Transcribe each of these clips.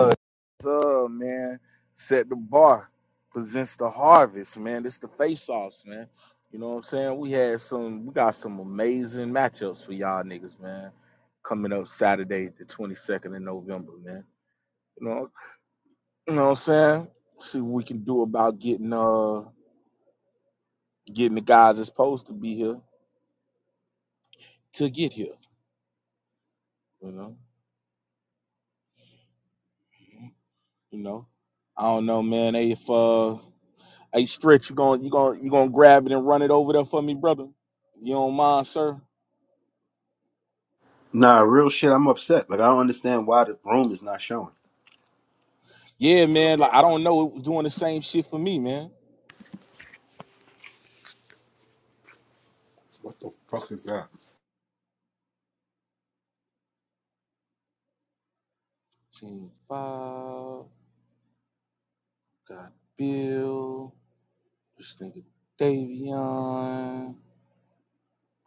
Uh, uh, man, set the bar, presents the harvest, man. This the face-offs, man. You know what I'm saying? We had some, we got some amazing matchups for y'all niggas, man. Coming up Saturday, the 22nd of November, man. You know, you know what I'm saying? See what we can do about getting uh getting the guys that's supposed to be here to get here. You know, you know. I don't know, man. They if uh Hey, Stretch, you going you going you gonna grab it and run it over there for me, brother? You don't mind, sir? Nah, real shit. I'm upset. Like I don't understand why the room is not showing. Yeah, man. Like I don't know, it was doing the same shit for me, man. What the fuck is that? Team five, got Bill, this nigga Davion,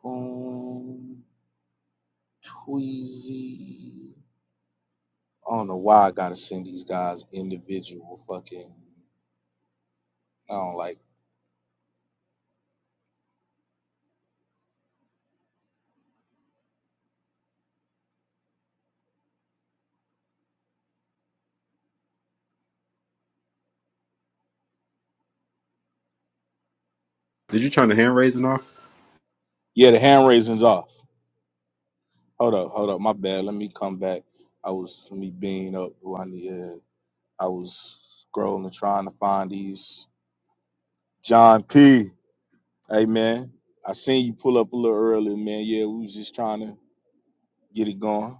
Boom, Tweezy. I don't know why I gotta send these guys individual fucking. I don't like. Did you turn the hand raising off? Yeah, the hand raising's off. Hold up, hold up. My bad. Let me come back. I was let me bean up who I need. I was scrolling trying to find these. John P. Hey man, I seen you pull up a little earlier, man. Yeah, we was just trying to get it going.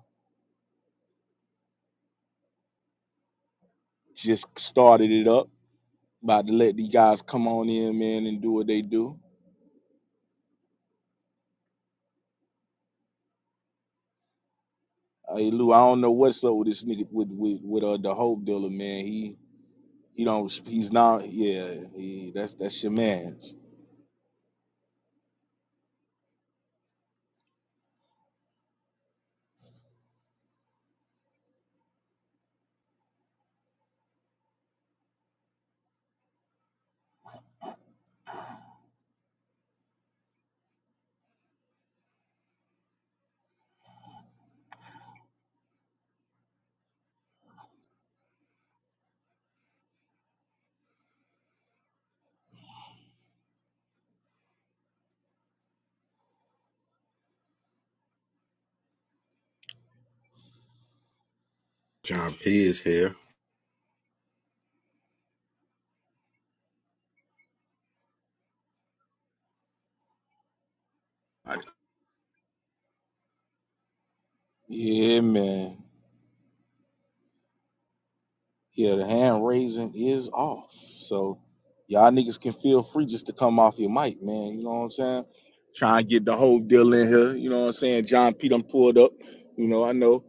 Just started it up. About to let these guys come on in, man, and do what they do. Hey Lou, I don't know what's up with this nigga with with with uh, the hope dealer, man. He he don't he's not yeah. He, that's that's your man's. John P is here. I, Yeah, man. Yeah, the hand raising is off. So y'all niggas can feel free just to come off your mic, man. You know what I'm saying? Try and get the whole deal in here. You know what I'm saying? John P done pulled up. You know, I know.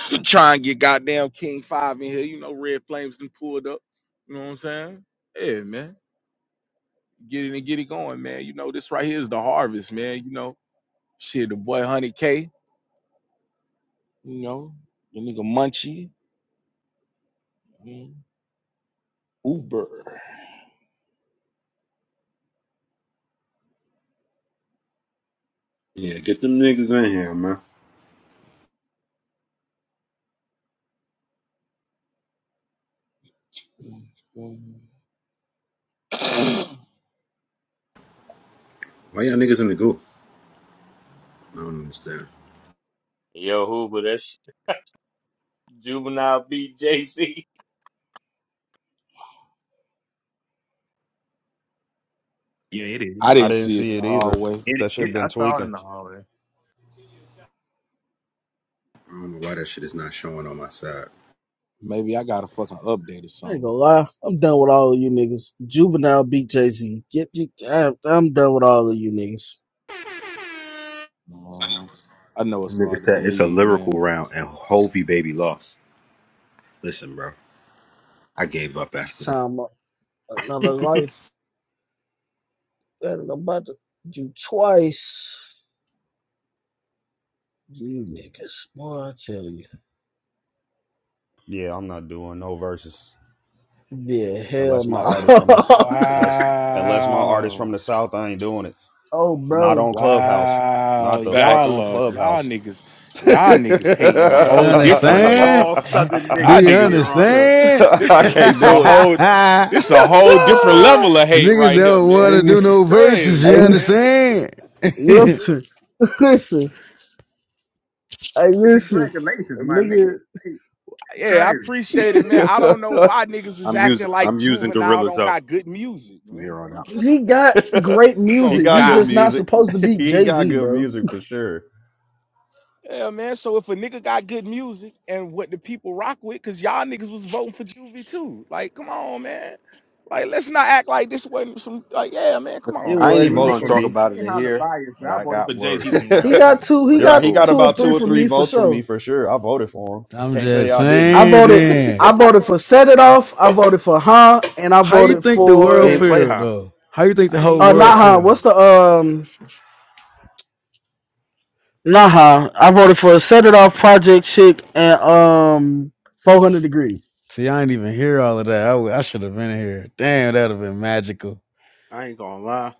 Try and get goddamn King Five in here. You know, Red Flames done pulled up. You know what I'm saying? Yeah, man. Get it and get it going, man. You know, this right here is the harvest, man. You know, shit, the boy Honey K, you know, the nigga Munchie, mm, Uber. yeah, get them niggas in here, man. Mm, mm. Why y'all niggas in the group? I don't understand. Yo, Hoover, that's juvenile beat JC. Yeah, it is. I I didn't didn't see it in see the it either. hallway. It, That shit it been I saw it in tweaking. the hallway. I don't know why that shit is not showing on my side. Maybe I got a fucking update or I ain't something. gonna lie. I'm done with all of you niggas. Juvenile beat Jay Z. Get, get I'm, I'm done with all of you niggas. Um, I know The it's nigga hard to said it's a believe, lyrical man. round and Hovey baby lost. Listen, bro, I gave up after that. Time up. another life. That I'm about to do twice. You niggas, boy, I tell you. Yeah, I'm not doing no verses Yeah, hell unless my no. Wha- artist from this unless unless my artist from Wow. the south. I ain't doing it. oh, Not bro, on Clubhouse. Wow. Not the fuck Facts. Y'all on are, y'all Clubhouse. niggas, y'all niggas hate in a You whole different Play way. you understand? all Southern Do niggas you from niggas, here on out. uh, understand? this I a, can't this a do it. whole, Niggas this a whole different level of hate right here, don't want man. to do nigga. This is no verses, you crazy, Hey, man. understand? listen. listen. Hey, listen, Congratulations, my nigga. nigga. Hey, Yeah, I crazy. appreciate it, man. I don't know why niggas is I'm acting using like I'm using Juvenile gorillas don't up got good music, from man. here on out. He got great you he gonna music. He got good die. just not music. supposed to beat he Jay got Z, good bro. music for sure. Yeah, man. So if a nigga got good music and what the people rock with, cause y'all niggas was voting for Juvie too. Like, come on, man. Like, let's not act like this wasn't some. Like, yeah, man. Come Hey, It and, on, I man. ain't and, Three even wasn't. and votes gonna for and talk me. niggas about it playing in Holler here, bias, but man. I I voted got for Jay Z words. some He rounds got too. two. He but You're it's right. got He got cool. two or about two three or from three me for votes from me sure. for sure. I voted for him. I'm Can't say just I didn't. I saying voted. I then. voted for Set It Off. I voted for Huh, and I How you voted think the He world ain't for play feel high. though? How you think I the ain't whole even uh play world not Huh. high. feel? What's the um not Huh? I voted for Set It Off Project Chick and um 400 Degrees. See, I ain't even hear all of that. I, I should have been here. Damn, that would have been magical. I ain't gonna lie.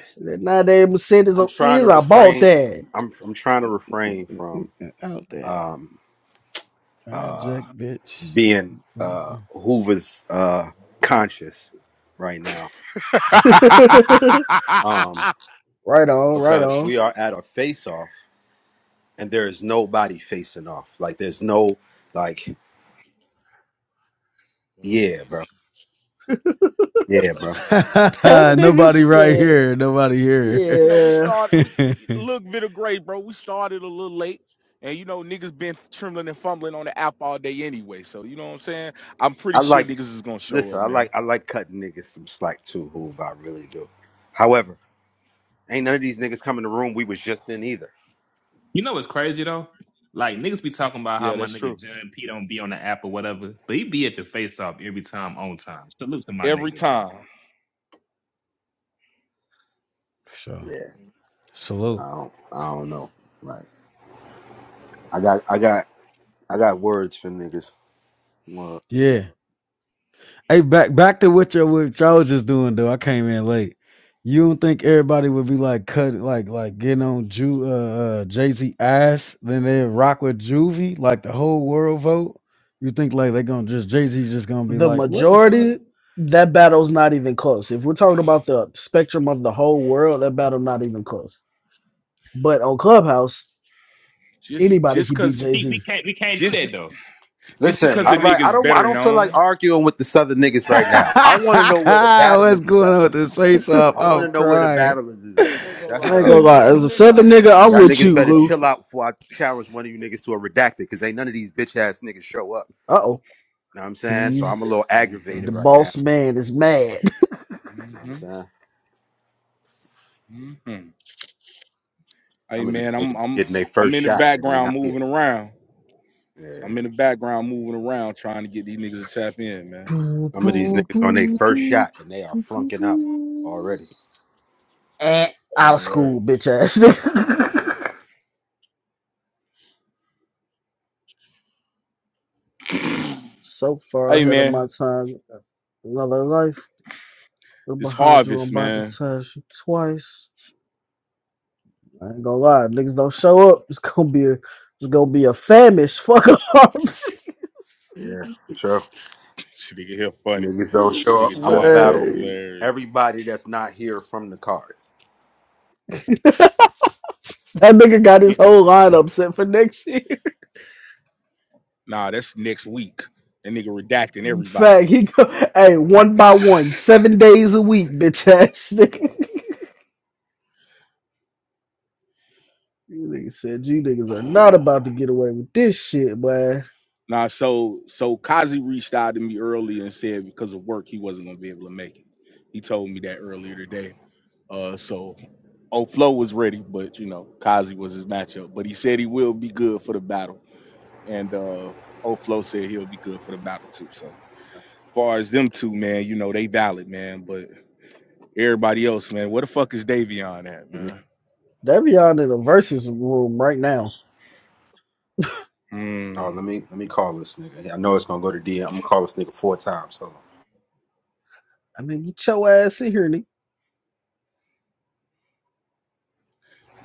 So that Now they Mercedes I'm trying to is I bought refrain. that. I'm I'm trying to refrain from Out there. um uh Jack? bitch. being uh Mm. Hoover's uh conscious right now. Um right on, right because on. we are at a face off and there is nobody facing off. Like there's no like you know, yeah, these, bro. Yeah, bro. so That nigga Nobody right said, here. Nobody here. you know, we yeah. started. We the- look bit of gray, bro. We started a little late. And you know niggas been trembling and fumbling on the app all day anyway, so you know what I'm saying. I'm pretty I sure like niggas is gonna show listen, up, I man. like I like cutting niggas some slack too, Hoover, I really do. However, ain't none of these niggas come in the room we was just in either. You know what's crazy though? Like niggas be talking about how Yeah, my that's nigga true. John P don't be on the app or whatever, but he be at the face off every time on time. Salute to my Every nigga, bro. time. sure. Yeah. Salute. I don't, I don't know. Like I got I got I got words for niggas. Word. Yeah. Hey, back back to what your what y'all was just doing though. I came in late. You don't think everybody would be like cutting like like getting on Ju uh, uh Jay Z ass, then they rock with Juvie, like the whole world vote? You think like they gonna just Jay Z's just gonna be the like, what the fuck? majority, that battle's not even close. If we're talking about the spectrum of the whole world, that battle not even close. But on Clubhouse, Just anybody just can beat cause Jay See, we Z. can't we can't do just be, that though. just Listen, Go because all a ahead. right. I nigga's don't I better don't feel like known. arguing with the southern niggas right now. I want to know where the battle What's is is going at. on with this face off? I want to I'm know where the crying. battle is is at. Like that's I what ain't gonna I'm lie. on. As a Southern nigga, I'm Y'all with niggas you, better chill Lou. out before I challenge one of you niggas to a redacted because ain't none of these bitch ass niggas show up. Uh oh, Know what I'm saying? So he's I'm a little hmm the aggravated right now. boss man is mad. Know what I'm saying? hmm hmm Hey Some of these man, niggas I'm getting I'm their I'm first in the shot and they background not here. moving around. So Yeah. I'm in the background moving around trying to get these niggas to tap in, man. Some of these So. niggas on their first shot and they are flunking out already. And out Busy of word. school, bitch ass. so far hey ahead of my man, time, another life. I'm this behind you. I'm harvest, about to man. touch you twice. I ain't gonna lie, if niggas don't show up. It's gonna be a it's gonna be a famish fuck off. Yeah, for sure. This nigga here funny. Niggas don't This show up. nigga I'm going Jai to is battle fucking Man, hilarious. everybody that's not here from the card. that nigga got Eh, his whole lineup set for next year. Nah, that's next week. That nigga redacting In everybody. fact, he go hey one by one, seven days a week, bitch ass nigga. You niggas said you niggas are not about to get away with this shit, man. Nah, so so Kazi reached out to me early and said because of work he wasn't gonna be able to make it. He told me that earlier today. Uh, so O'Flow was ready, but you know Kazi was his matchup. But he said he will be good for the battle, and uh, Oflo said he'll be good for the battle too. So far as them two, man, you know they valid, man. But everybody else, man, where the fuck is Davion at, And then- man? Davion in the versus room right now. oh, Hmm, let me let me call this nigga. I know it's gonna go to DM. I'm gonna call this nigga four times. Hold I mean, get your ass in here, nigga.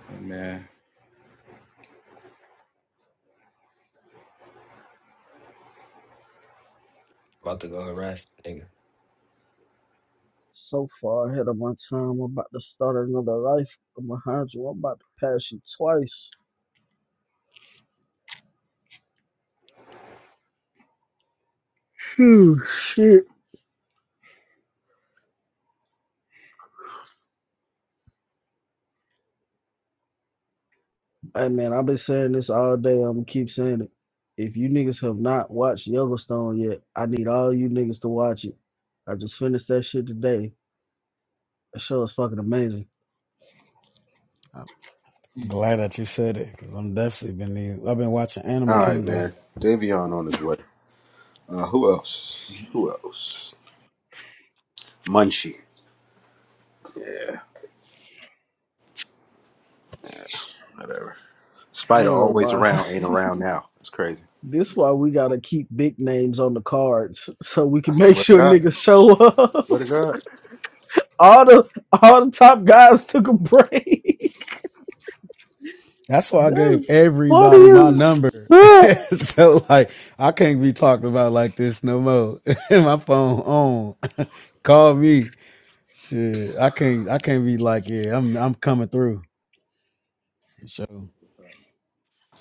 oh, man. About to go harass the nigga. So far ahead of my time. I'm about to start another life. I'm behind you. I'm about to pass you twice. Oh shit. Hey man, I've been saying this all day. I'm gonna keep saying it. If you niggas have not watched Yellowstone yet, I need all you niggas to watch it. I just finished that shit today. That show is fucking amazing. I'm glad that you said it because I'm definitely been need- I've been watching on. Animal All right, Kingdom. man. Davion on his way. Uh, who else? Who else? Munchie. Yeah, whatever. I Spider ain't gonna always lie. around, ain't around now. It's crazy. this why we gotta keep big names on the cards so we I can make swear to sure God. niggas show up. Swear to God. all the all the top guys took a break. That's why I gave That's funny everybody my as number. fuck. so like I can't be talked about like this no more. my phone on. Call me. Shit. I can't I can't be like, yeah, I'm I'm coming through. So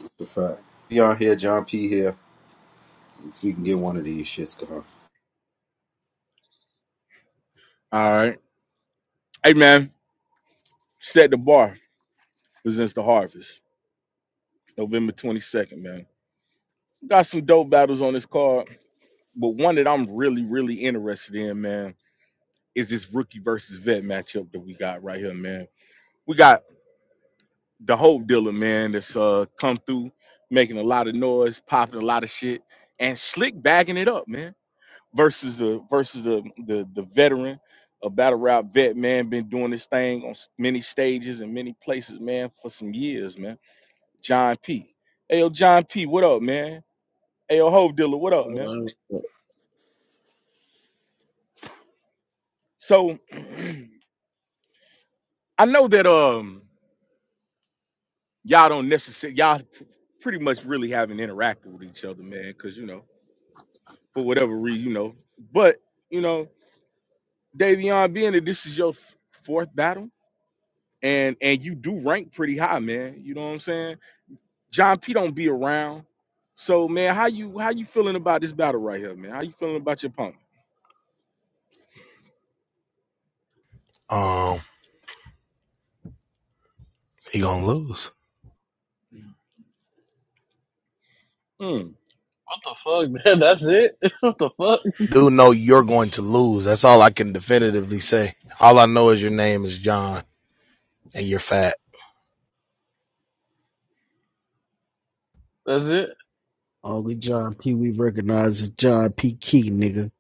It's a fact. Dion here, John P here. At least we can get one of these shits going. All right, hey man, set the bar presents the harvest. November 22nd, man. Got some dope battles on this card, but one that I'm really, really interested in, man, is this rookie versus vet matchup that we got right here, man. We got the Hope Dealer, man, that's uh come through, making a lot of noise, popping a lot of shit, and slick bagging it up, man. Versus the versus the the the veteran, a battle rap vet, man, been doing this thing on s- many stages and many places, man, for some years, man. John P. Hey yo, John P, what up, man? Hey, yo, Hove Dealer, what up, man? What So I know that um y'all don't necessarily y'all p- pretty much really haven't interacted with each other, man, because you know for whatever reason, you know. But you know, Davion, being that this is your f- fourth battle, and and you do rank pretty high, man. You know what I'm saying? John P don't be around, so man, how you how you feeling about this battle right here, man? How you feeling about your opponent? Um, he gonna lose. Hmm. the fuck, man? That's it? What the fuck? Dude, know you're going to lose. That's all I can definitively say. All I know is your name is John and you're fat. That's it? Only John P. We recognize is John P. Key, nigga.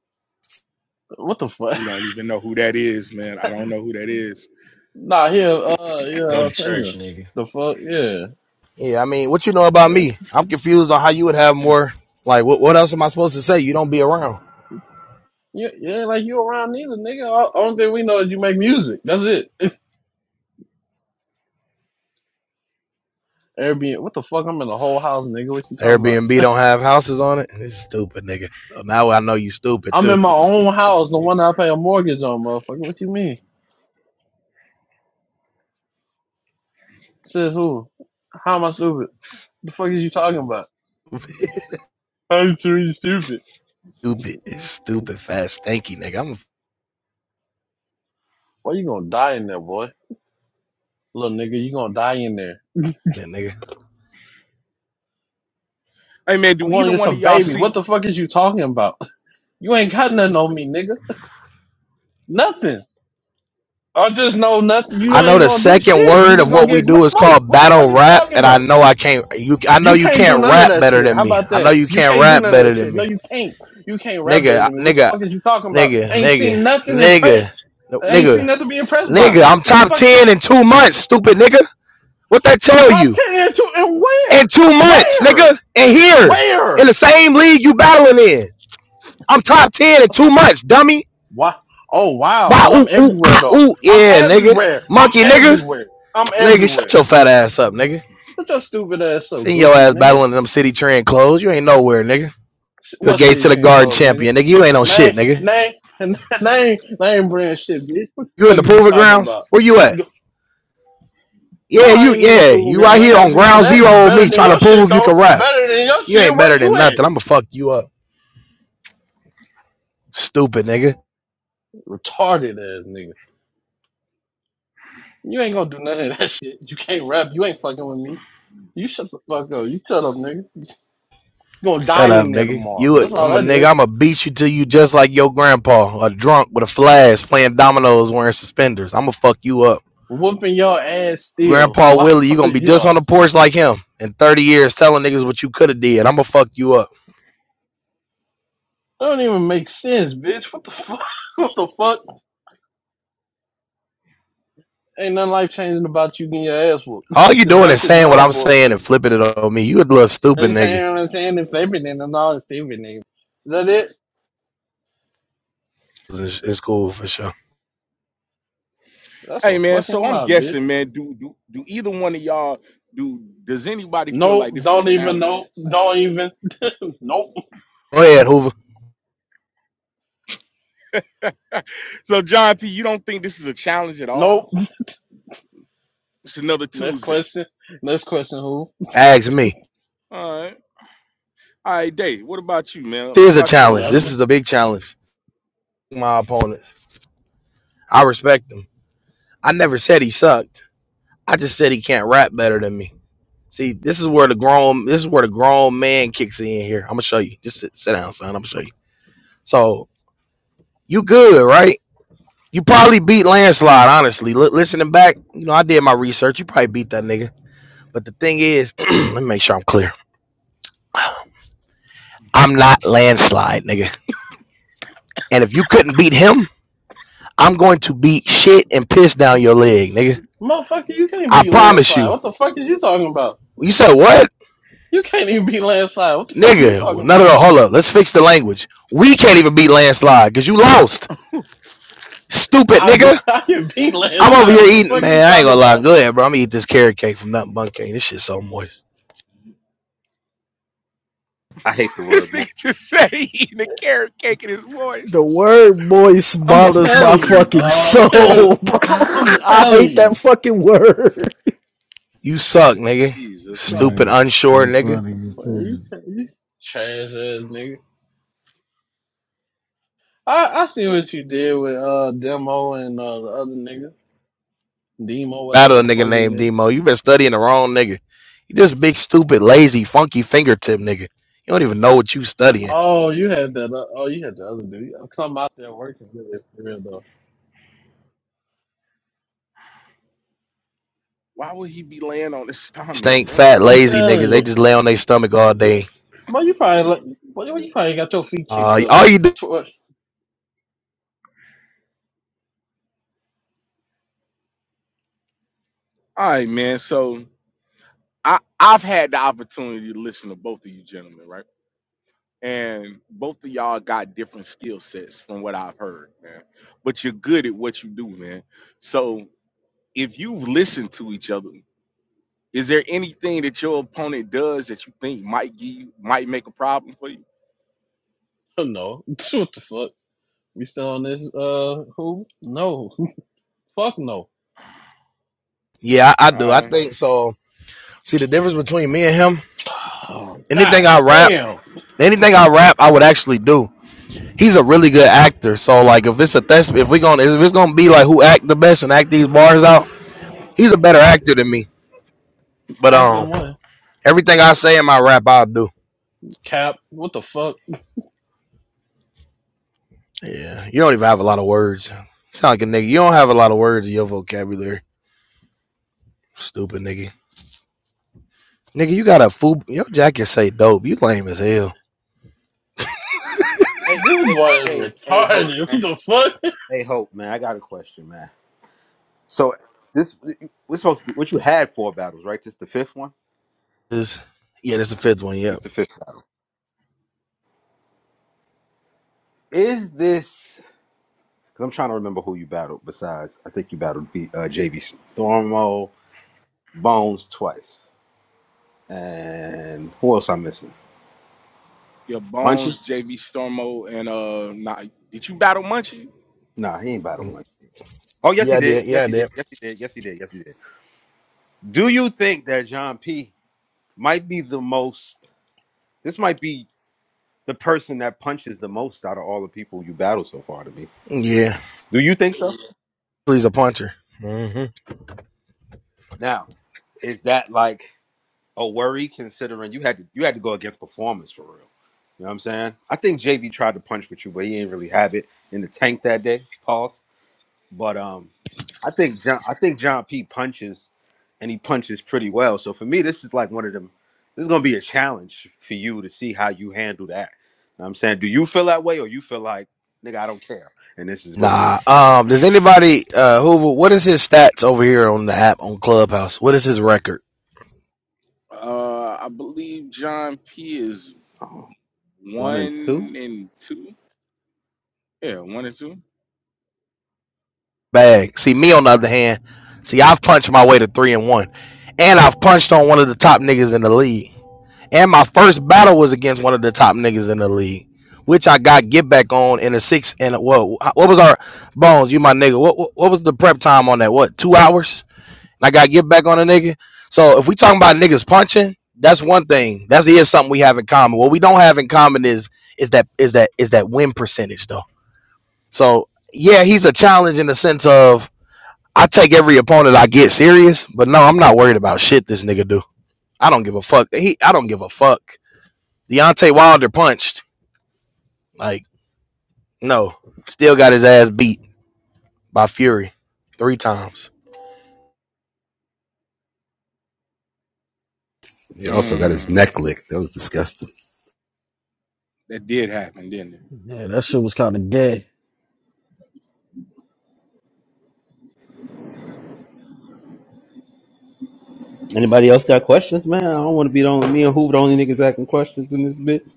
What the fuck? We don't even know who that is, man. I don't know who that is. Nah, here, uh, yeah, Go a uh, to singer. church, nigga. The fuck, yeah. Yeah, I mean, what you know about Man, me? I'm confused on how you would have more. Like, what, what else am I supposed to say? You don't be around. You, you ain't like you around neither, nigga. All, only thing we know is you make music. That's it. Airbnb. What the fuck? I'm in the whole house, nigga. What you talking about? Airbnb don't have houses on it. This is stupid, nigga. So now I know you stupid I'm too. in my own house, the one I pay a mortgage on, motherfucker. What you mean? Says who? How am I stupid? The fuck is you talking about? How you too stupid? stupid, stupid, fat, stanky, nigga. I'm a a Why you gonna die in there, boy? Little nigga, you gonna die in there. f- nigga. Hey, man, do I'm going either to get one of some y'all baby. see? What the fuck is you talking about? You ain't got nothing on me, nigga. Nothing. I just know nothing. You I know ain't the gonna do second shit. You word just of gonna what we get my do is smoke. called What the fuck battle are you rap, talking and I about? know I can't. You, I know You you can't do can't none of rap that better shit. than How me. about I know that? you You can't can't do rap none of better that than shit. No, me, you can't. You can't rap nigga, better than me. What the nigga, fuck is you talking about? nigga, I ain't nigga, seen nothing nigga, impressed. no, I ain't seen nigga, nothing to be impressed by. nigga. I'm What the top fuck? Is it? ten in two months, stupid nigga. What that tell Top you? ten into and In where? two months, Where? nigga, and here Where? in the same league you battling in, I'm top ten in two months, dummy. Wow. Oh wow, Why but I'm ooh ooh everywhere ah though. ooh I'm yeah, nigga, everywhere. I'm monkey nigga, everywhere. I'm nigga, shut everywhere. your fat ass up, nigga. What your stupid ass so Seen your goofy, ass nigga? battling in them city trend clothes. You ain't nowhere, nigga. S- You're a What gate city to the you in garden clothes, nigga? champion, nigga. You ain't on Name, shit, nigga. name, name, name brand shit, bitch. What the You in fuck the is you proving talking grounds? about? Where you You at? go, Yeah, no, I you ain't in no yeah, proving you right grounds. I ain't here gotta on be for ground that. zero with Better me than trying to your shit prove you though. can rap. Better than your You shit. ain't Where better you than at? nothing. I'ma fuck you up. Stupid nigga. Retarded ass nigga. You ain't gonna do none of that shit. You can't rap. You ain't fucking with me. You shut the fuck up. You shut up, nigga. You're gonna die Shut up, in there nigga. tomorrow. You i That's all I'm a that is. nigga, I'ma beat you till you just like your grandpa, a drunk with a flask, playing dominoes wearing suspenders. I'ma fuck you up. Whooping your ass still. Grandpa Wow, Willie, you gonna be just on the yo. porch like him in 30 years telling niggas what you could have did. I'ma fuck you up. That don't even make sense, bitch. What the fuck? What the fuck? Ain't nothing life changing about you getting your ass whooped. All you It's doing back is to the saying what drawing I'm boards for saying and you. flipping it on me. You a little And stupid you saying, you nigga. know what I'm saying? If everything and all, it's everything. Is that it? It's, cool for sure. That's Hey a man, fucking so I'm lie, bitch. guessing, man. Do do do either one of y'all do? Does anybody feel like Nope. this is a Don't even. challenge? Nope. Don't even. nope. Go ahead, Hoover. So John P, you don't think this is a challenge at all? Nope. It's another Next Tuesday. question. Next question. Who? Ask me. All right, all right, Dave. What about you, man? What This is a about you, Hope challenge. This Dilla? Nothing. is a big challenge. My opponent. I respect him. I never said he sucked. I just said he can't rap better than me. See, this is where the grown this is where the grown man kicks in here. I'm gonna show you. Just sit, sit down, son. I'm gonna show you. So you good, right? You probably beat landslide. Honestly, Li- listening back, you know, I did my research. You probably beat that nigga. But the thing is, let me make sure I'm clear. I'm not landslide, nigga. And if you couldn't beat him, I'm going to beat shit and piss down your leg, nigga. Motherfucker, you can't I beat promise landslide. you. What the fuck is you talking about? You said what? You can't even beat landslide. What the fuck are you Nigga, talking well, no, no, about? no, hold up. Let's fix the language. We can't even beat landslide because you lost. Stupid I be nigga. I can beat I'm over landslide. here What the eating, fuck are you man. I ain't talking gonna lie. about? Go ahead, bro. I'm gonna eat this carrot cake from Nothing Bun Cake. This shit's so moist. I hate the this word more. nigga just said he eating a carrot cake in his voice. The word moist I'm bothers my telling you, fucking dog. soul, bro. I'm I telling hate that you. fucking word. You suck, nigga. You Jesus suck, Stupid, man, Christ! unsure nigga. they nigga. funny as What are you, hell. you trash ass nigga. I I see what you did with uh demo and uh the other nigga demo whatever Battle a the fuck nigga his named name. Demo. You been studying the wrong nigga. You this big, stupid, lazy, funky fingertip nigga. You don't even know what you studying. Oh, you had that. Uh, oh, you had the other dude. Some out there working really for real though. Why would he be laying on his stomach, Stink, brother? fat, I'm What lazy is niggas. telling They going? you, just lay on their stomach all day. but you probably like, well, you probably got your feet kicked Uh, up. all you do? Tw- All right, man. So I I've had the opportunity to listen to both of you gentlemen, right? and both of y'all got different skill sets from what I've heard, man. But you're good at what you do, man. So if you listen to each other, is there anything that your opponent does that you think might give you, might make a problem for you? no, what the fuck? We still on this? Uh, who? No, fuck no. Yeah, I, I do. I Uh, think so. See the difference between me and him. Oh Anything god, I rap, damn. anything I rap, I would actually do. He's a really good actor. So like, if it's a test, if we gonna, if it's gonna be like who act the best and act these bars out, he's a better actor than me. But Acting um, one, everything I say in my rap, I'll do. Cap. What the fuck? Yeah, you don't even have a lot of words. Sound like a nigga. You don't have a lot of words in your vocabulary. Stupid nigga. Nigga, you got a food. Your jacket say dope. You lame as hell. Hey, This hey, boy is hey, hey, hope, retarded. man. What the fuck? Hey, Hope, man, I got a question, man. So this we're supposed to be what you had four battles, right? This the fifth one. This, yeah, that's the fifth one. This Yep. the fifth battle. Is this? Because I'm trying to remember who you battled. Besides, I think you battled v, uh, JV Stormo, Bones twice, and who else I'm missing? your Munchie? bones, JV Stormo, and uh, nah, did you battle Munchie? Nah, he ain't battled Munchie. Oh yes, Yeah, he I did. did. Yeah, Yes, I he did. did. Yes, he did. Yes, he did. Yes, he did. Do you think that John P might be the most? This might be the person that punches the most out of all the people you battled so far to me. Yeah. Do you think so? Please a puncher. hmm Now, is that like a worry considering you had to you had to go against performance for real? You know what I'm saying? I think JV tried to punch with you, but he didn't really have it in the tank that day. Pause. But um, I think John I think John P punches, and he punches pretty well. So for me, this is like one of them. This is gonna be a challenge for you to see how you handle that. You know what I'm saying, do you feel that way, or you feel like nigga, I don't care, and this is what it Nah. is. Um. Does anybody? Uh. Hoover? What is his stats over here on the app on Clubhouse? What is his record? Uh, I believe John P is Oh, one and two. one and two. Yeah, one and two. Bag. See me on the other hand. See, I've punched my way to three and one, and I've punched on one of the top niggas in the league. And my first battle was against one of the top niggas in the league, which I got get back on in a six and a, what? What was our bones? You my nigga. what? What was the prep time on that? What? Two hours? I got to get back on a nigga. So if we talking about niggas punching, that's one thing. That's here's something we have in common. What we don't have in common is is that is that is that win percentage though. So yeah, he's a challenge in the sense of I take every opponent I get serious, but no, I'm not worried about shit this nigga do. I don't give a fuck. He I don't give a fuck. Deontay Wilder punched. Like, no. Still got his ass beat by Fury three times. He also got Mm, his neck licked. That was that did happen, didn't it? Yeah, that shit was kind of gay. Anybody else got questions, man? I don't want to be the only me and who the only niggas asking questions in this bit.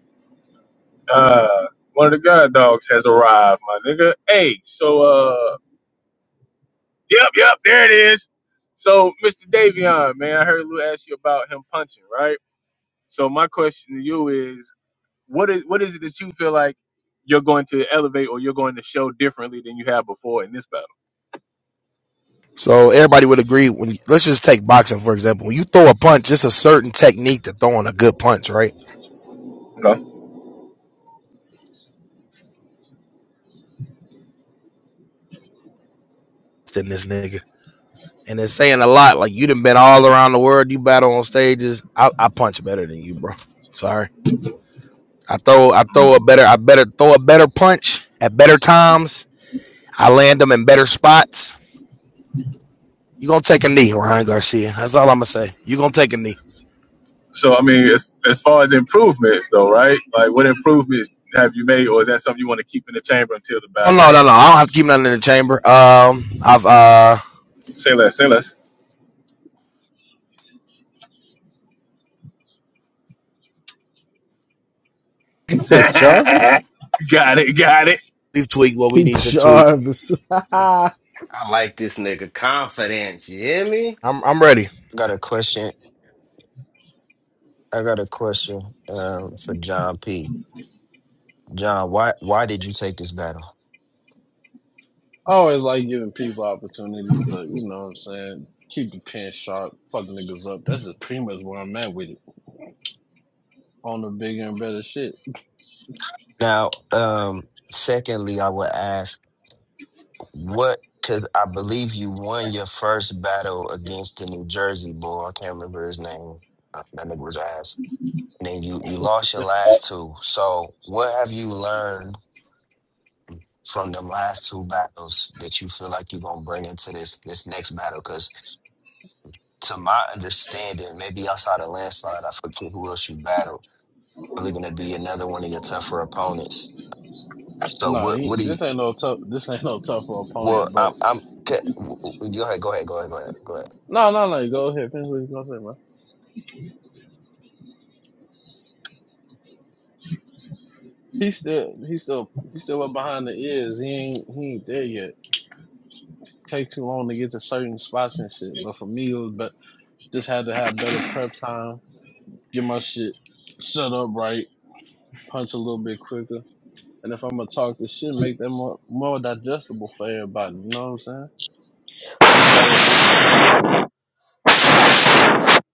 Uh, one of the guard dogs has arrived, my nigga. Hey, so uh, yep, yep, there it is. So, Mr. Davion, man, I heard Lou ask you about him punching, right? So, my question to you is, what is what is it that you feel like you're going to elevate or you're going to show differently than you have before in this battle? So everybody would agree when let's just take boxing for example. When you throw a punch, it's a certain technique to throwing a good punch, right? Okay. Than this nigga. And it's saying a lot. Like you done been all around the world, you battle on stages. I, I punch better than you, bro. Sorry. I throw I throw a better I better throw a better punch at better times. I land them in better spots. You gonna take a knee, Ryan Garcia. That's all I'm gonna say. You gonna take a knee. So, I mean, as as far as improvements, though, right? Like, what improvements have you made, or is that something you want to keep in the chamber until the Oh battle? no, no, no. I don't have to keep nothing in the chamber. Um I've uh Say less, say less. I said Jarvis. got it, got it. we've tweaked what we need to tweak. Jarvis. hey, I like this nigga confidence. You hear me? I'm I'm ready. I got a question. I got a question um, for John P. John, why why did you take this battle? I always like giving people opportunities, but you know what I'm saying. Keep the pen sharp. Fuck niggas up. That's just pretty much where I'm at with it. On the bigger and better shit. Now, um, secondly, I would ask what because I believe you won your first battle against the New Jersey boy. I can't remember his name. Uh, That nigga was ass. And then you you lost your last two. So, what have you learned from them last two battles that you feel like you're gonna bring into this this next battle? Because to my understanding, maybe outside of landslide, I forget who else you battled. Probably going to be another one of your tougher opponents. So Nah, what? What he, do you? this ain't no tough. This ain't no tougher Well, opponent. I'm. But I'm ca- w- w- go ahead. Go ahead. Go ahead. Go ahead. Go ahead. no, no, no. Go ahead. Finish what you gonna say, man. He still, he still, he still up behind the ears. He ain't, he ain't there yet. take too long to get to certain spots and shit. But for me, it was but just had to have better prep time, get my shit set up right, punch a little bit quicker. And if I'm gonna talk this shit, make that more more digestible for everybody. You know what I'm saying? That's just all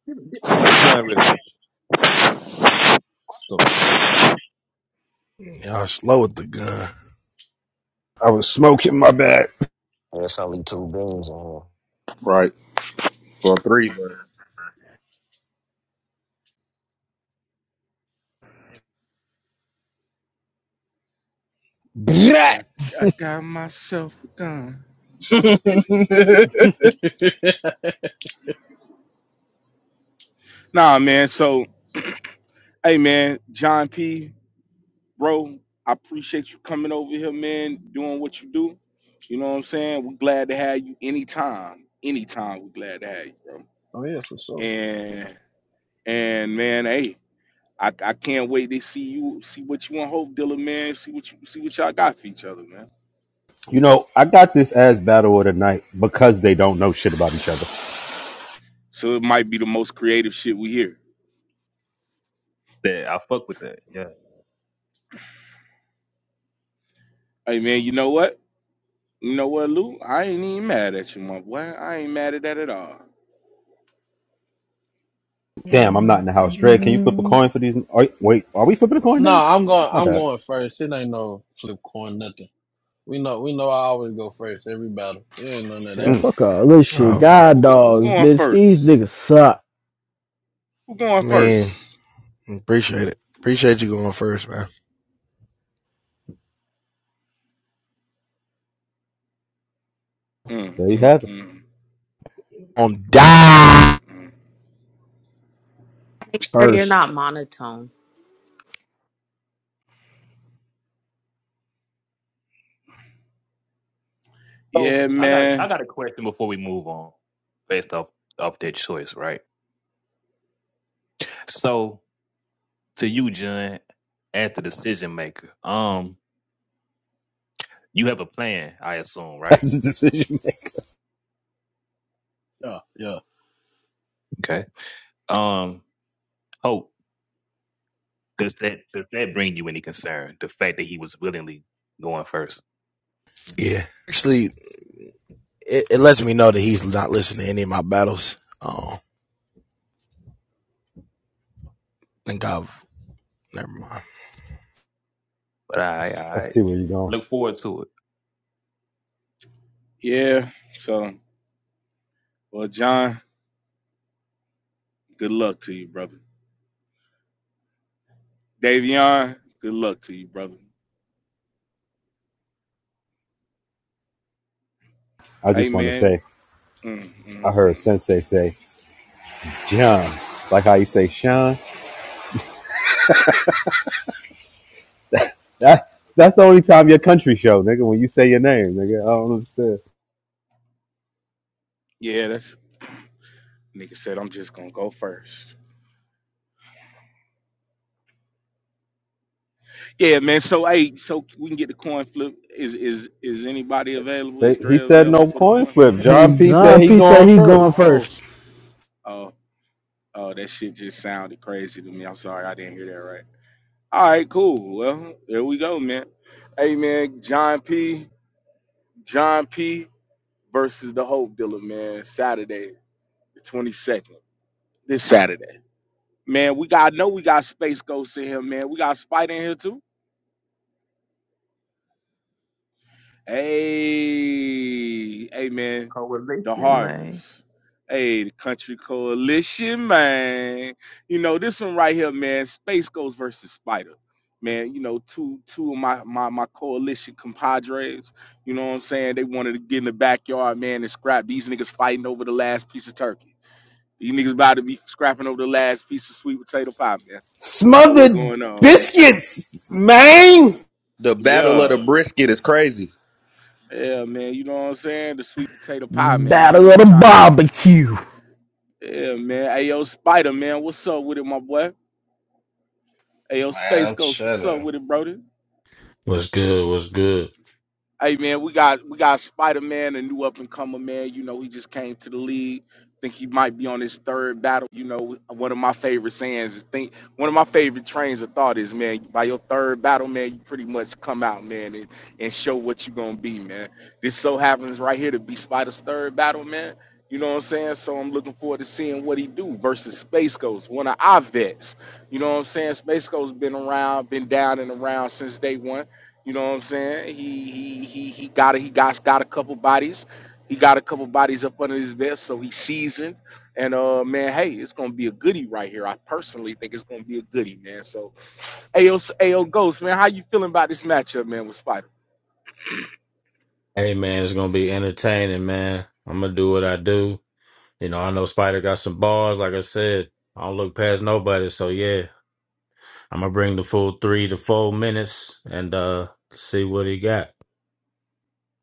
Give, me- give me the gun real quick. it is. The fuck. Y'all slow with the gun. I was smoking my bad. There's only two beans on Right. Brat! Exactly. I got myself done. Nah, man. So, hey, man, John P, bro, I appreciate you coming over here, man, doing what you do. You know what I'm saying? We're glad to have you anytime. Anytime, we're glad to have you, bro. oh yeah, for sure. And and man, hey, I, I can't wait to see you, see what you and Hope Dealer, man. See what you see what y'all got for each other, man. You know, I got this as battle of the night because they don't know shit about each other. So it might be the most creative shit we hear. Yeah, I fuck with that. Yeah. Hey, man, you know what? You know what, Lou? I ain't even mad at you, my boy. I ain't mad at that at all. Damn, I'm not in the house. Dre, can you flip a coin for these? Are, wait, are we flipping a coin No, now? I'm going. My I'm bad. going first. It ain't no flip coin, nothing. We know. We know. I always go first every battle. It ain't none of that. Mm, fuck all this shit. Um, God Who go- who dogs, going bitch. These first? niggas suck Who going I mean, first? appreciate it. Appreciate you going first, man. Mm, there you mm, have it. mm, On mm, die. mm, mm. Make sure you're first. not monotone. So Yeah, I got a, I man. got a question before we move on, based off off that choice, right? So. to you, John, as the decision maker. Um, you have a plan, I assume, That's right? the decision maker. Yeah, yeah. Okay. Um, hope does that does that bring you any concern? The fact that he was willingly going first, Yeah. Actually, it, it lets me know that he's not listening to any of my battles. Oh, I think I've never mind. but I I I see where you're going. look forward to it. Yeah. So, well, John, good luck to you, brother. Davion, good luck to you, brother. I Hey, just want to man. say, Mm, I mm, heard mm. Sensei say, John, like how you say Sean. That, that's the only time your country show, nigga, when you say your name, nigga. I don't understand. Yeah, that's nigga said. I'm just gonna go first. Yeah, man. So, hey, so we can get the coin flip. Is is is anybody available? They, Is he Dre said available no for the coin coin flip. flip? Hey, John P said John he P said going he first. going Oh. first. oh, Oh, that shit just sounded crazy to me. I'm sorry, I didn't hear that right. All right, cool. Well, there we go, man. Hey, man, John P. John P. versus the Hope Dealer, man. Saturday, the 22nd. This Saturday, man. We got. I know we got Space Ghost in here, man. We got Spider in here too. Hey, hey man, Correlation, the man. harvest. Hey, the country coalition, man. You know, this one right here, man, Space Ghost versus Spider. Man, you know, two two of my, my my coalition compadres, you know what I'm saying? They wanted to get in the backyard, man, and scrap these niggas fighting over the last piece of turkey. These niggas about to be scrapping over the last piece of sweet potato pie, man. That's what's Smothered going on. biscuits, man. The battle of the Yeah. brisket is crazy. Yeah, man, you know what I'm saying? The sweet potato pie, man. You Battle know, of we the tryna barbecue. Yeah, man. Hey, yo, Spider, man. What's up with it, my boy? Hey, yo, Man, Space I'm Ghost. What's up chilling. with it, Brody? What's good? What's good? Hey man, we got we got Spider Man, a new up and comer man. You know, he just came to the league. Think he might be on his third battle. You know, one of my favorite sayings is think one of my favorite trains of thought is man, by your third battle, man, you pretty much come out, man, and, and show what you're gonna be, man. This so happens right here to be Spider's third battle, man. You know what I'm saying? So I'm looking forward to seeing what he do versus Space Ghost, one of our vets. You know what I'm saying? Space Ghost been around, been down and around since day one you know what I'm saying? He he he he got a, he got got a couple bodies. He got a couple bodies up under his vest, so he's seasoned. And uh man, hey, it's gonna be a goodie right here. I personally think it's gonna be a goodie, man. So AO s- AO Ghost, man, how you feeling about this matchup, man, with Spider? Hey man, it's gonna be entertaining, man. I'm gonna do what I do. You know, I know Spider got some bars. Like I said, I don't look past nobody. So yeah, I'm gonna bring the full three to four minutes and uh see what he got.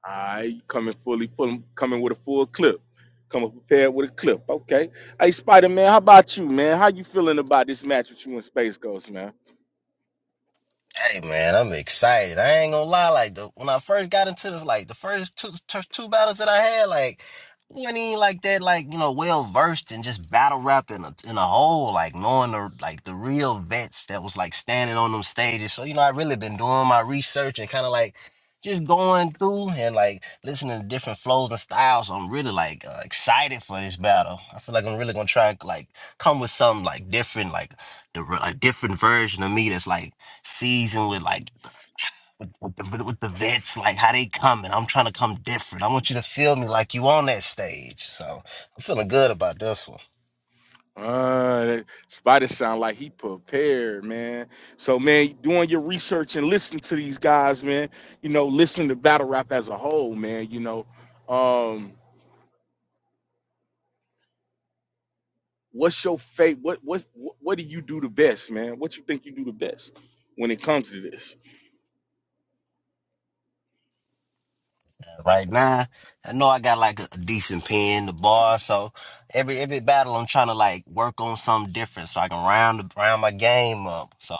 I you coming fully full coming with a full clip. Coming prepared with a clip. Okay. Hey Spider Man, how about you, man? How you feeling about this match with you and Space Ghost, man? Hey man, I'm excited. I ain't gonna lie. Like the when I first got into the like the first two two two battles that I had, like I wasn't even like that. Like you know, well versed in just battle rap in a in a whole. Like knowing the like the real vets that was like standing on them stages. So you know, I really been doing my research and kind of like just going through and like listening to different flows and styles. So, I'm really like uh, excited for this battle. I feel like I'm really gonna try and like come with something like different, like the re- like different version of me that's like season with like with with the, with the vets, like how they coming. I'm trying to come different. I want you to feel me like you on that stage. So I'm feeling good about this one Uh, that Spider sound like he prepared, man. So, man, doing your research and listen to these guys, man. You know, listen to battle rap as a whole, man. You know, um, what's your fate? What what what what do you do the best, man? What you think you do the best when it comes to this? right now. I know I got like a, a decent pen, the bar. So every every battle, I'm trying to like work on something different so I can round the- round my game up. So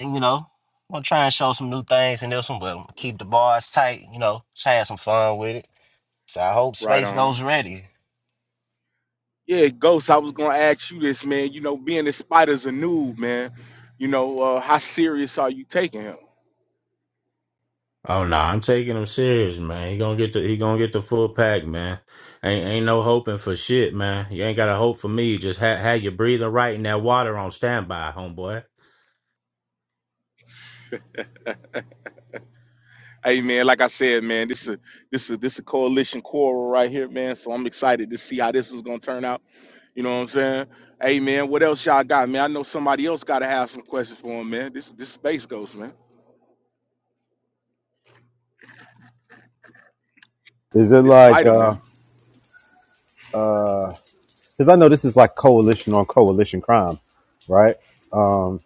and, you know. I'm gonna try and show some new things in this one, but keep the bars tight, you know, try to have some fun with it. So I hope Right Space goes on. ready. Yeah, Ghost. I was gonna ask you this, man. You know, being that Spider's a noob, man. You know, uh, how serious are you taking him? Oh no, I'm taking him serious, man. He gonna get the he gonna get the full pack, man. Ain't ain't no hoping for shit, man. You ain't gotta hope for me. Just ha have your breathing right and that water on standby, homeboy. Hey man, like I said, man, this is this is this a coalition quarrel right here, man. So I'm excited to see how this one's gonna turn out. You know what I'm saying? Hey man, what else y'all got, man? I know somebody else gotta have some questions for him, man. This this space ghost, man. Is it This like spider, uh man. uh? Because I know this is like coalition on coalition crime, right? Um,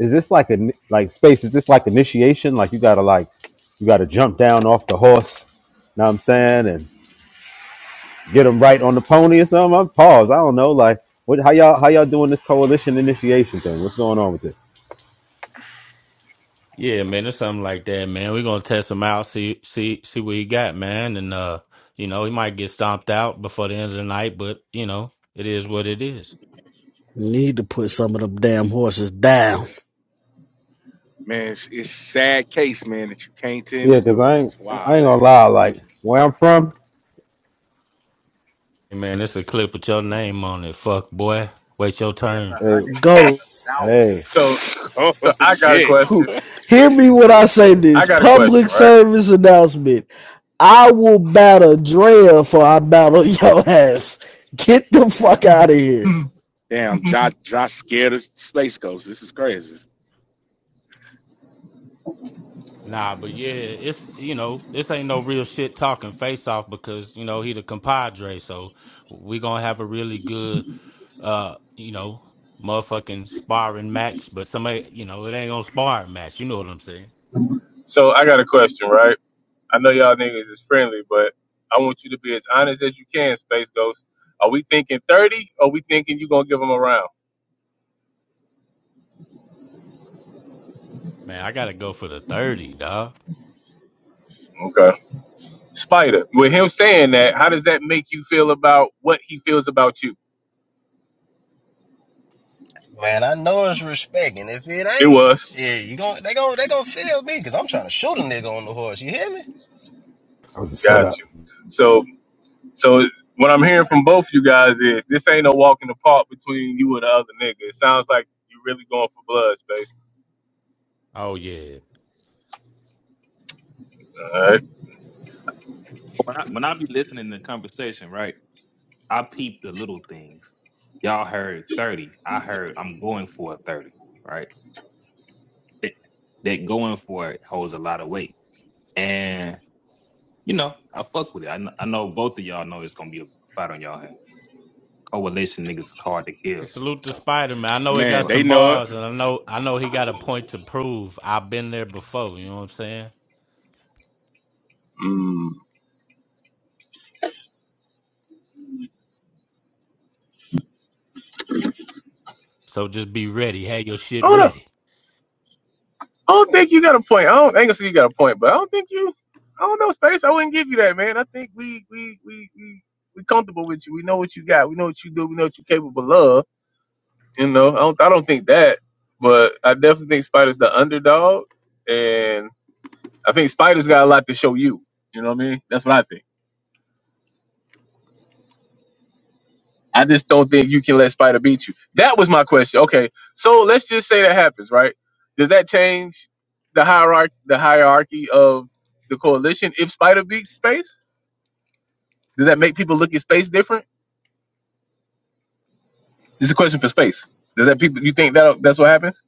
is this like a like space? Is this like initiation? Like you gotta like you gotta jump down off the horse. Know what I'm saying and get them right on the pony or something. I'm paused. I don't know. Like what? How y'all how y'all doing this coalition initiation thing? What's going on with this? Yeah, man, it's something like that, man. We're gonna test him out, see see see what he got, man. And uh, you know, he might get stomped out before the end of the night, but you know, it is what it is. Need to put some of them damn horses down. Man, it's, it's sad case, man, that you can't tend to Yeah, cause do it. I ain't It's I wild, ain't ain't gonna it, lie. Like where I'm from, Hey, man, it's a clip with your name on it. Fuck boy. Wait your That's turn. a hey, hundred. That's Go. a thousand. hey, so man? so oh I got a shit. question. Hear me when I say I this. got a question, Public right? service announcement. I will battle Drea for I battle your ass. Get the fuck Damn. out of here. Damn, Josh Josh scared of space ghosts. This is crazy. Nah, but yeah, it's you know, this ain't no real shit talking face off because, you know, he the compadre, so we gonna have a really good uh, you know, motherfucking sparring match, but somebody you know, it ain't gonna sparring match, you know what I'm saying. So I got a question, right? I know y'all niggas is friendly, but I want you to be as honest as you can, Space Ghost. Are we thinking 30 or we thinking you gonna give him a round? Man, I gotta go for the 30, dog. Okay. Spider, with him saying that, how does that make you feel about what he feels about you? Man, I know it's respect, and if it It ain't, was. shit, you gon' they gon' they gon' feel me because I'm trying to shoot a nigga on the horse. You hear me? I was a Got setup, you. So So what I'm hearing from both you guys is this ain't no walk in the park between you and the other nigga. It sounds like you really going for blood, space. Oh yeah. All right. When I, when I be listening to conversation, right? I peep the little things. Y'all heard thirty. I heard I'm going for a thirty. Right. That, that going for it holds a lot of weight, and you know, I fuck with it. I, kn- I know both of y'all know it's gonna be a fight on y'all hands. Coalition niggas is hard to Hey, kill. Salute to So Spider Man. I know he Man, go got ahead. they some know it. bars and I know I know he got a point to prove. I've been there before, you know what I'm saying? Mm. So just be ready. Have your I shit don't know. ready. I don't think you got a point. I don't I ain't gonna say you got a point, but I don't think you. I don't know, space. I wouldn't give you that, man. I think we we we we we comfortable with you. We know what you got. We know what you do. We know what you're capable of. You know. I don't. I don't think that, but I definitely think Spider's the underdog, and I think Spider's got a lot to show you. You know what I mean? That's what I think. I just don't think you can let Spider beat you. That was my question. Okay, so let's just say that happens, right? Does that change the hierarchy, the hierarchy of the coalition if Spider beats Space? Does that make people look at Space different? This is a question for Space. Does that people you think that that's what happens?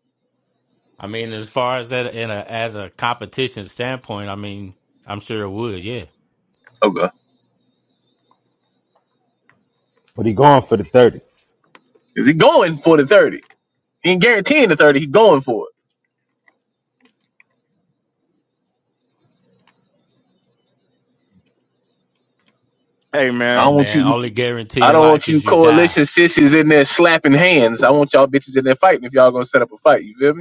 I mean, as far as that in a as a competition standpoint, I mean, I'm sure it would, yeah. Okay, but he going for the thirty. is he going for the thirty? He ain't guaranteeing the thirty. He going for it. Hey I Hey man. don't want man, you. only guarantee I in don't want life you is you die. coalition sissies in there slapping hands. I want y'all bitches in there fighting if y'all gonna set up a fight. You feel me?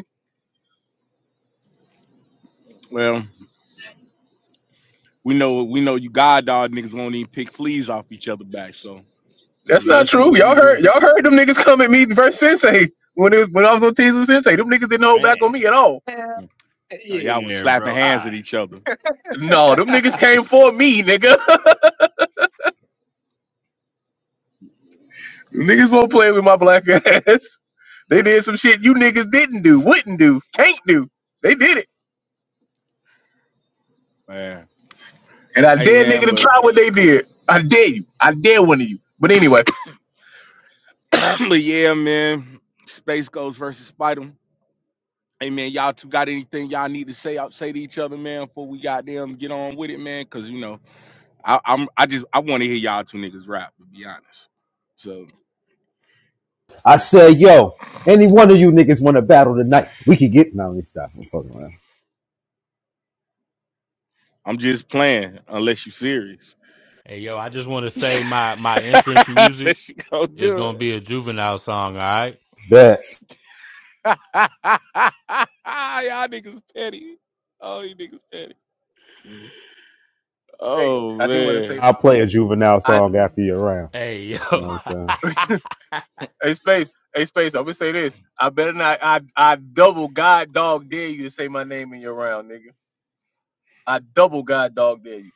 Well. we know we know you god dog niggas won't even pick fleas off each other back. So you know, That's let not us do true. what Y'all we heard do. y'all heard them niggas come at me versus Sensei when it was when I was on teams with Sensei. Them niggas didn't hold Man, back on me at all. hell Yeah. Uh, y'all was yeah, slapping bro. I hands at each other, No, them niggas came for me, nigga. niggas won't play with my black ass. They did some shit you niggas didn't do, wouldn't do, can't do. They did it. man. And I Hey dare man, nigga to but try what they did. I dare you. I dare one of you. But anyway, but yeah, man. Space Ghost versus Spider. Hey man, y'all two got anything y'all need to say out say to each other, man, before we got them get on with it, man. Cause you know, I, I'm I just I want to hear y'all two niggas rap, to be honest. So I said, yo, any one of you niggas want to battle tonight? We could get. No, let me stop. I'm fucking around. I'm just playing, unless you serious. Hey yo, I just wanna say my my entrance music unless you go is do it. gonna be a juvenile song, all right? Bet Y'all niggas petty. Oh, you niggas petty. Space, Oh I do want to say man. I'll play a juvenile I song after your round. Hey You know yo. what I'm saying? hey Space, hey Space, I'm gonna say this. I better not I I double god dog dare you to say my name in your round, nigga. I double god dog dare you.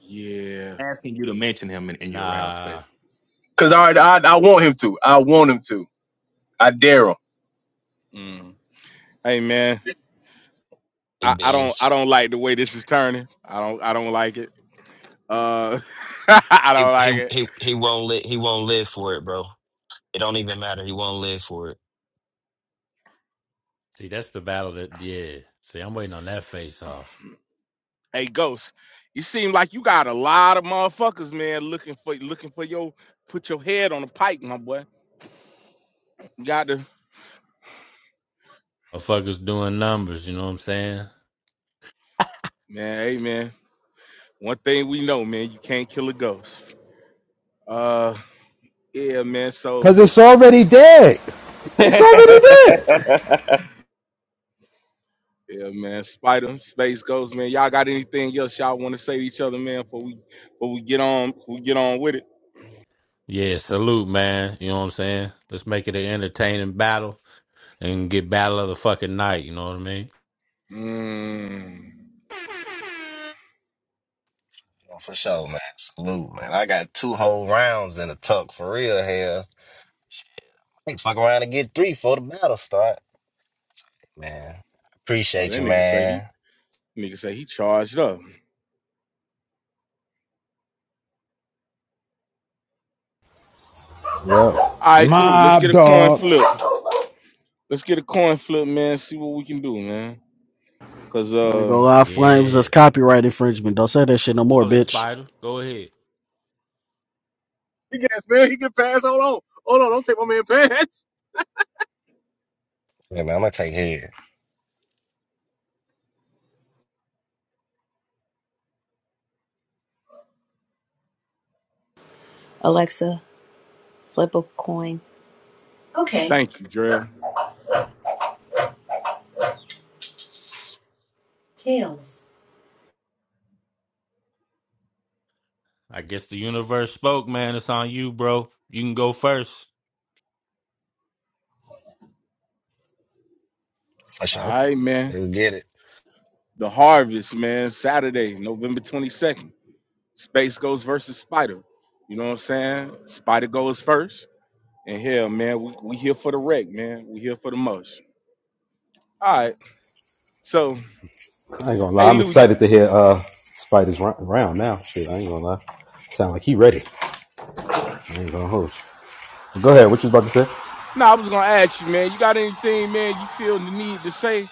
Yeah. asking you to mention him in, in your round nah. space. Cause I, I I want him to. I want him to. I dare him. Mm. Hey man, here. Hey I, I don't I beans. don't like the way this is turning. I don't I don't like it. Uh, I He don't like he it. he he won't live. He won't live for it, bro. It don't even matter. He won't live for it. See, that's the battle that yeah. See, I'm waiting on that face off. Hey Ghost, you seem like you got a lot of motherfuckers, man, looking for looking for your put your head on a pike, my boy. You got to Motherfuckers doing numbers, you know what I'm saying? man. Hey man, one thing we know, man, you can't kill a ghost. Uh, yeah, man. So. Cause it's already dead. It's yeah, already dead. Yeah, man. Spider, Space Ghost, man. Y'all got anything else y'all want to say to each other, man? Before we, before we get on, we get on with it. Yeah, salute, man. You know what I'm saying? Let's make it an entertaining battle and get battle of the fucking night, you know what I mean? Mm. Oh, for sure, man. Salute, man. I got two whole rounds in the tuck for real. Hell, Shit, I can fuck around and get three before the battle start. Man, Oh, appreciate that you, nigga say he, man. nigga say he charged up. Yeah, All right, cool. Let's get Mob a coin dogs. flip. Let's get a coin flip, man. See what we can do, man. Cause I ain't uh, gonna lie, Flames, Yeah. that's copyright infringement. Don't say that shit no more, Holla, bitch. Spider. Go ahead. He gets man. He can pass. Hold on. Hold on. Don't take my man pass. Yeah, man, I'm gonna take head Alexa, flip a coin. Okay, thank you, Dre. All tails. I guess the universe spoke, man. It's on you, bro. You can go first. for sure. right, man. Let's get it. The harvest, man. Saturday, November twenty second. Space Ghost versus Spider. You know what I'm saying? Spider goes first. And hell, man, we, we here for the wreck, man. We here for the most. All right. So, I ain't gonna hey, lie. I'm Lou, you, excited to hear uh Spider's round now. Shit, I ain't gonna lie. Sound like he ready. I ain't gonna hold. you. Go ahead. What you was about to say? no, I was gonna ask you, man. You got anything, man? You feel the need to say?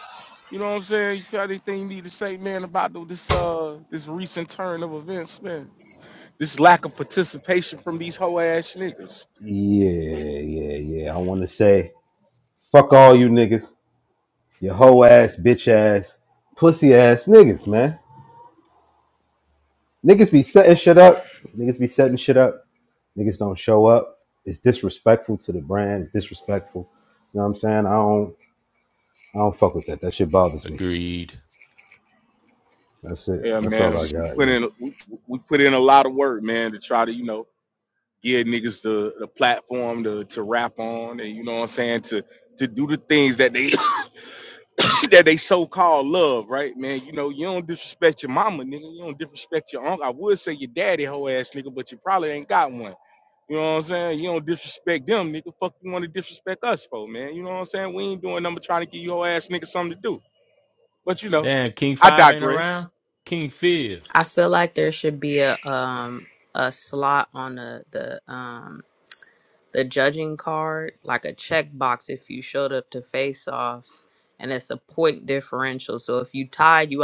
You know what I'm saying? You feel anything you need to say, man, about the, this uh this recent turn of events, man? This lack of participation from these hoe ass niggas. Yeah, yeah, yeah. I want to say, fuck all you niggas, your hoe ass, bitch ass, pussy ass niggas, man. Niggas be setting shit up. Niggas be setting shit up. Niggas don't show up. It's disrespectful to the brand. It's disrespectful. You know what I'm saying? I don't, I don't fuck with that. That shit bothers me. Agreed. That's it. Yeah, That's all I man. We got. put Yeah. in we, we put in a lot of work, man, to try to you know give niggas the, the platform to to rap on, and you know what I'm saying to to do the things that they that they so called love, right, man? You know, you don't disrespect your mama, nigga. You don't disrespect your uncle. I would say your daddy, hoe ass nigga, but you probably ain't got one. You know what I'm saying? You don't disrespect them, nigga. Fuck you want to disrespect us for, man. You know what I'm saying? We ain't doing nothing but trying to give your hoe ass nigga something to do. But you know, Damn, King I Five ain't digress. around? King Five. I feel like there should be a um a slot on the the um the judging card, like a checkbox if you showed up to face offs and it's a point differential. So if you tied you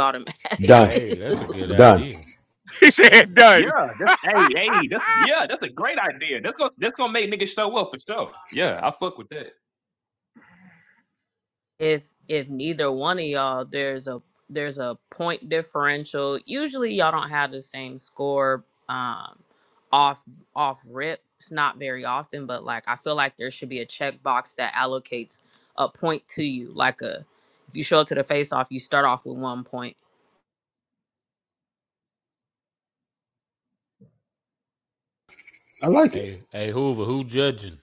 Done. automatically Hey, that's a good Done. idea. he said Yeah, done. that's hey, hey, that's yeah, that's a great idea. That's gonna that's gonna make niggas show up for sure. Yeah, I fuck with that. if if neither one of y'all there's a there's a point differential usually y'all don't have the same score um off off rip it's not very often but like i feel like there should be a checkbox that allocates a point to you like a if you show up to the face off you start off with one point I like it. Hey, hey, Hoover, who judging?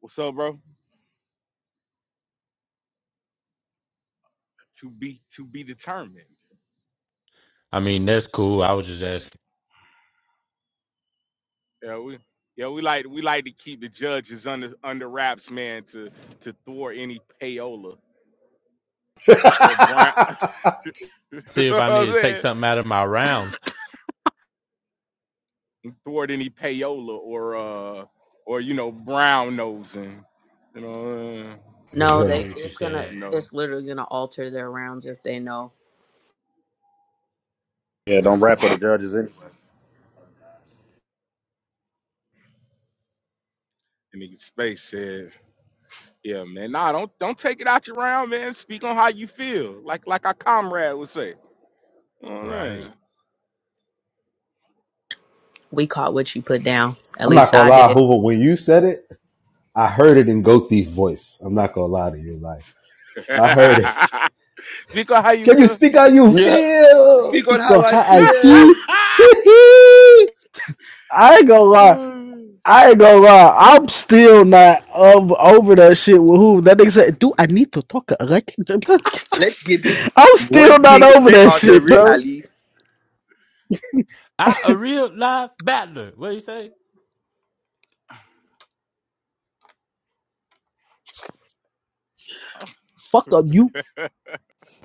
What's up, bro? To be to be determined. I mean, that's cool. I was just asking. Yeah, we yeah, we like we like to keep the judges under under wraps, man, to to thwart any payola For or brown You see know if what I I'm need to take saying? something out of my round. toward any payola or uh or you know brown nosing. You know, uh, no they Get sure. what you're it's gonna saying, you know. it's literally gonna alter their rounds if they know Yeah. don't rap for the judges anyway. And nigga Space said, "Yeah, man. Nah, don't don't take it out your round, man. Speak on how you feel, like like our comrade would say. You know what right? we caught what you put down at I'm not least gonna i lie, did Hoover. When you said it, I heard it in Goatee's voice. I'm not gonna lie to you, like. I heard it. I'm saying? Speak on how you Can you feel." speak how you Yeah. feel? Speak on Speak how on I how I feel. feel. I ain't gonna lie. oh I ain't gonna lie. I'm still not of, over that shit with who. That nigga said, dude, I need to talk. Like, Let's get I'm one still not thing over straight that out the shit, rip, bro. Ali. I a real live battler. What do you say? Fuck up you.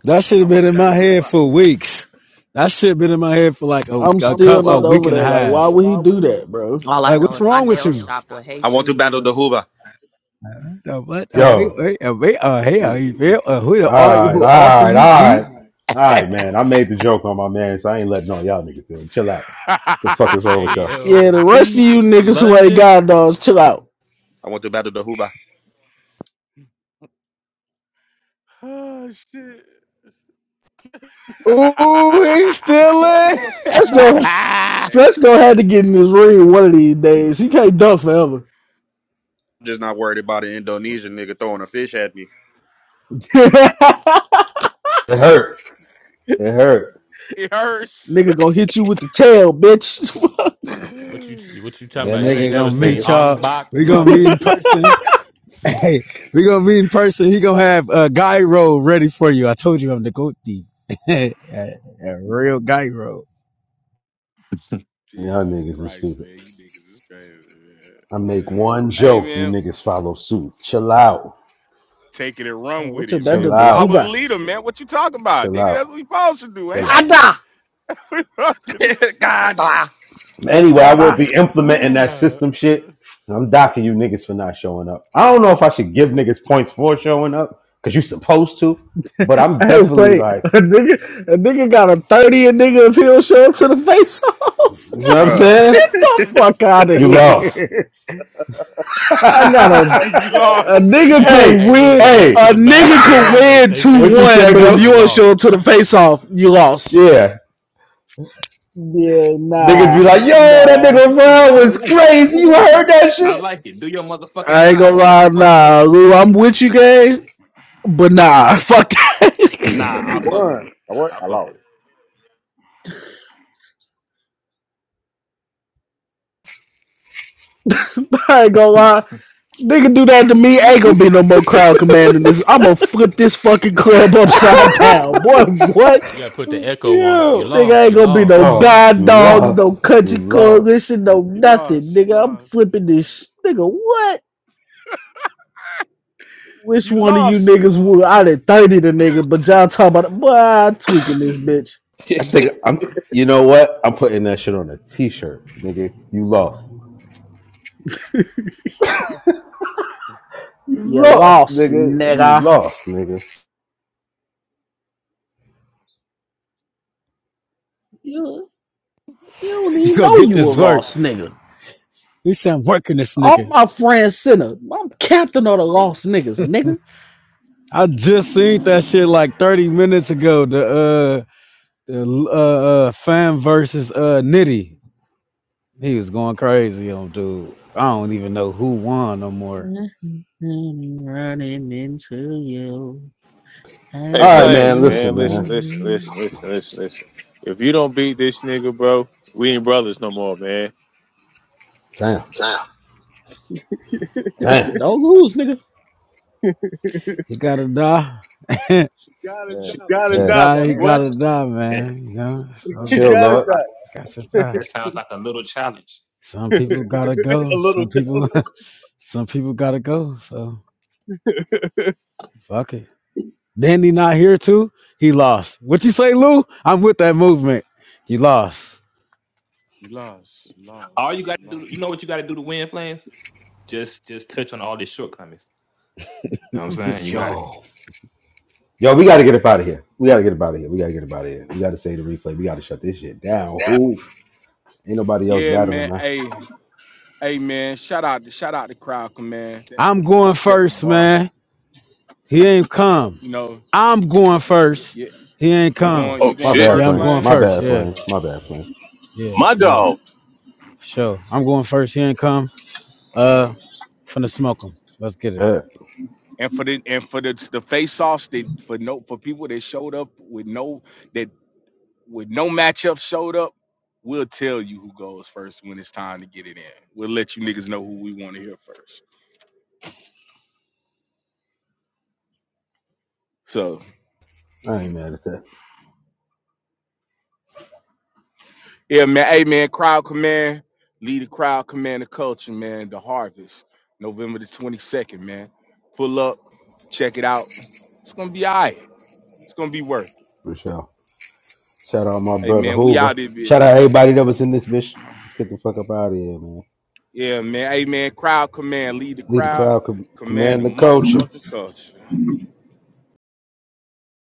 That shit have I'm been in my offended head by for weeks. That shit been in my head for like a, a I'm I'm still cup a tell not my week over and a there. Like, man, like, why half. would he why would do he do that, that? bro? all i Like know is what's my wrong with nail you? shop will I hate want to battle you the Huba. the what? Uh, hey, Yo. hey, uh, hey, uh, hey, uh, hey, man, uh, who the all you Alright, who all alright, who you be? alright. Alright, man. I made the joke on my man, so I ain't letting on y'all niggas do it. Chill out. The fuck is wrong Hey with y'all? Yeah, the yo, rest of beat you niggas who ain't London. god dogs, chill out. I want to battle the Huba. oh, shit. Ooh, he's still in. Let's go. Nah, stress Stretch going gonna have to get in this ring one of these days. He can't dunk forever. I'm just not worried about an Indonesian nigga throwing a fish at me. It hurt. It hurt, it hurts. Nigga gonna hit you with the tail, bitch. What you what you talking That about? You ain't nigga never gonna seen nigga. meet Ong y'all. Bak, We gonna meet motherfucker. in person. Hey, we gonna meet in person. He gonna have a uh, gyro ready for you. I told you I'm the goat thief. a, a real gyro. Y'all Jesus niggas is Christ, stupid. man. You niggas is crazy, man. I make one Hey, joke, you man. niggas follow suit. Chill out. Take it and run with What's your it, better man. Chill We than follow out. the Hoover? leader, man. What you talking about? Chill Nigga, out. that's what we supposed to do, ain't Chill it? out. Gada! God, ah, Anyway, I God, will ah. be implementing that system shit. I'm docking you niggas for not showing up. I don't know if I should give niggas points for showing up, because you are supposed to, but I'm Hey, definitely wait. like, A nigga, a nigga got a 30 and nigga if he'll show up to the face off. you know what I'm Bruh. saying? Get the fuck out of You lost. here. I got a you A lost. nigga Hey, could hey, hey Lou, win. just wait till hey, A the nigga battle's could done. They win they two what you finish. one, said, but Oh, if you you Ghost? don't show lost. up to the face off, you lost. Yeah. Yeah, Niggas be nah, like, yo, that nah. nigga Yeah, I Ron was like it. I crazy. You like heard it. that I shit? like it. Do your motherfucking I ain't job, gonna nigga. i lie, fuck with it. nah. Lou, I'm with you, gang, but nah, fuck Nah, i You fuck it. with won. it. I what? i I fuck lost. with it. I ain't gonna lie. Nigga do that to me, ain't gonna be no more crowd commanding this. I'm gonna flip this fucking club upside down. Boy, what? You gotta put the echo on it. You Yo. Nigga lost. ain't You gonna be no lost. You Lost. lost. god You dogs, no lost. You country lost. coalition, no You nothing. lost. You lost. You Nigga, I'm lost. You flipping this. lost. sh- Nigga, what? Which You one of you lost. You niggas would? lost. I You did lost. 30 the nigga, but y'all talking about, it, boy, I tweaking this bitch. I think I'm. You know what? I'm putting that shit on a t-shirt, nigga. You lost. You You lost, lost, nigga. You nigga. lost, nigga. You, you don't You even gonna know get you a this work. lost nigga. He said I'm working this All nigga. my friends sinner. I'm captain of the lost niggas, nigga. I just seen that shit like 30 minutes ago. The uh, The uh, uh fan versus uh Nitty. He was going crazy on dude. I don't even know who won no more. I'm running into you. Had All right, to man. be Listen, man. you. If you don't beat this nigga, bro, we ain't brothers no more, man. Damn, Oh, damn. don't lose, nigga. He gotta die. He Gotta Yeah. die, He Hey, got he Damn. gotta die, Yeah, man. You know, so that chill, sounds Lord. like he got to die. That sounds like a little challenge. Some people gotta go. Some people some people gotta go. So fuck it. Danny not here too. He lost. What you say, Lou? I'm with that movement. You lost. you lost. You All you lost. got You to do, lost. you know what you got to do to win, Flames? Just just touch on all these shortcomings. You know what I'm saying? You got it. Yo, yo, we gotta get up out of here. We gotta get up out of here. We gotta get up out of here. We gotta save the replay. We gotta shut this shit down. Who? Ain't nobody else Yeah, battling, man. man. Hey, hey, man. Shout out to shout out to Crowd Command. I'm going Set the first, man. bar. He ain't come. You know, I'm going first. yeah. He ain't Oh, You come. going? You Oh My going shit. bad, Yeah, first, I'm flames. going My Flames? first. bad, Yeah, flames. My bad, flames. yeah, My yeah. dog. For sure. I'm going first. He ain't come. Uh, Um, finna smoke him. Let's get it. Yeah, and for the and for the the face offs they for no for people that showed up with no that with no matchup showed up, we'll tell you who goes first when it's time to get it in. We'll let you niggas know who we want to hear first. So I ain't mad at that. yeah, man. Hey man, crowd command, lead the crowd command the culture, man. The harvest, November the twenty second, man. Pull up, check it out. It's gonna be all right. It's gonna be worth. It. For sure. Shout out my Hey brother man, we Hoover. out there, Shout bitch. out everybody that was in this bitch. Let's get the fuck up out of here, man. Yeah, man. Hey, man. Crowd command. Lead the Lead the crowd. crowd, com- Command the command the culture. motherfucking culture.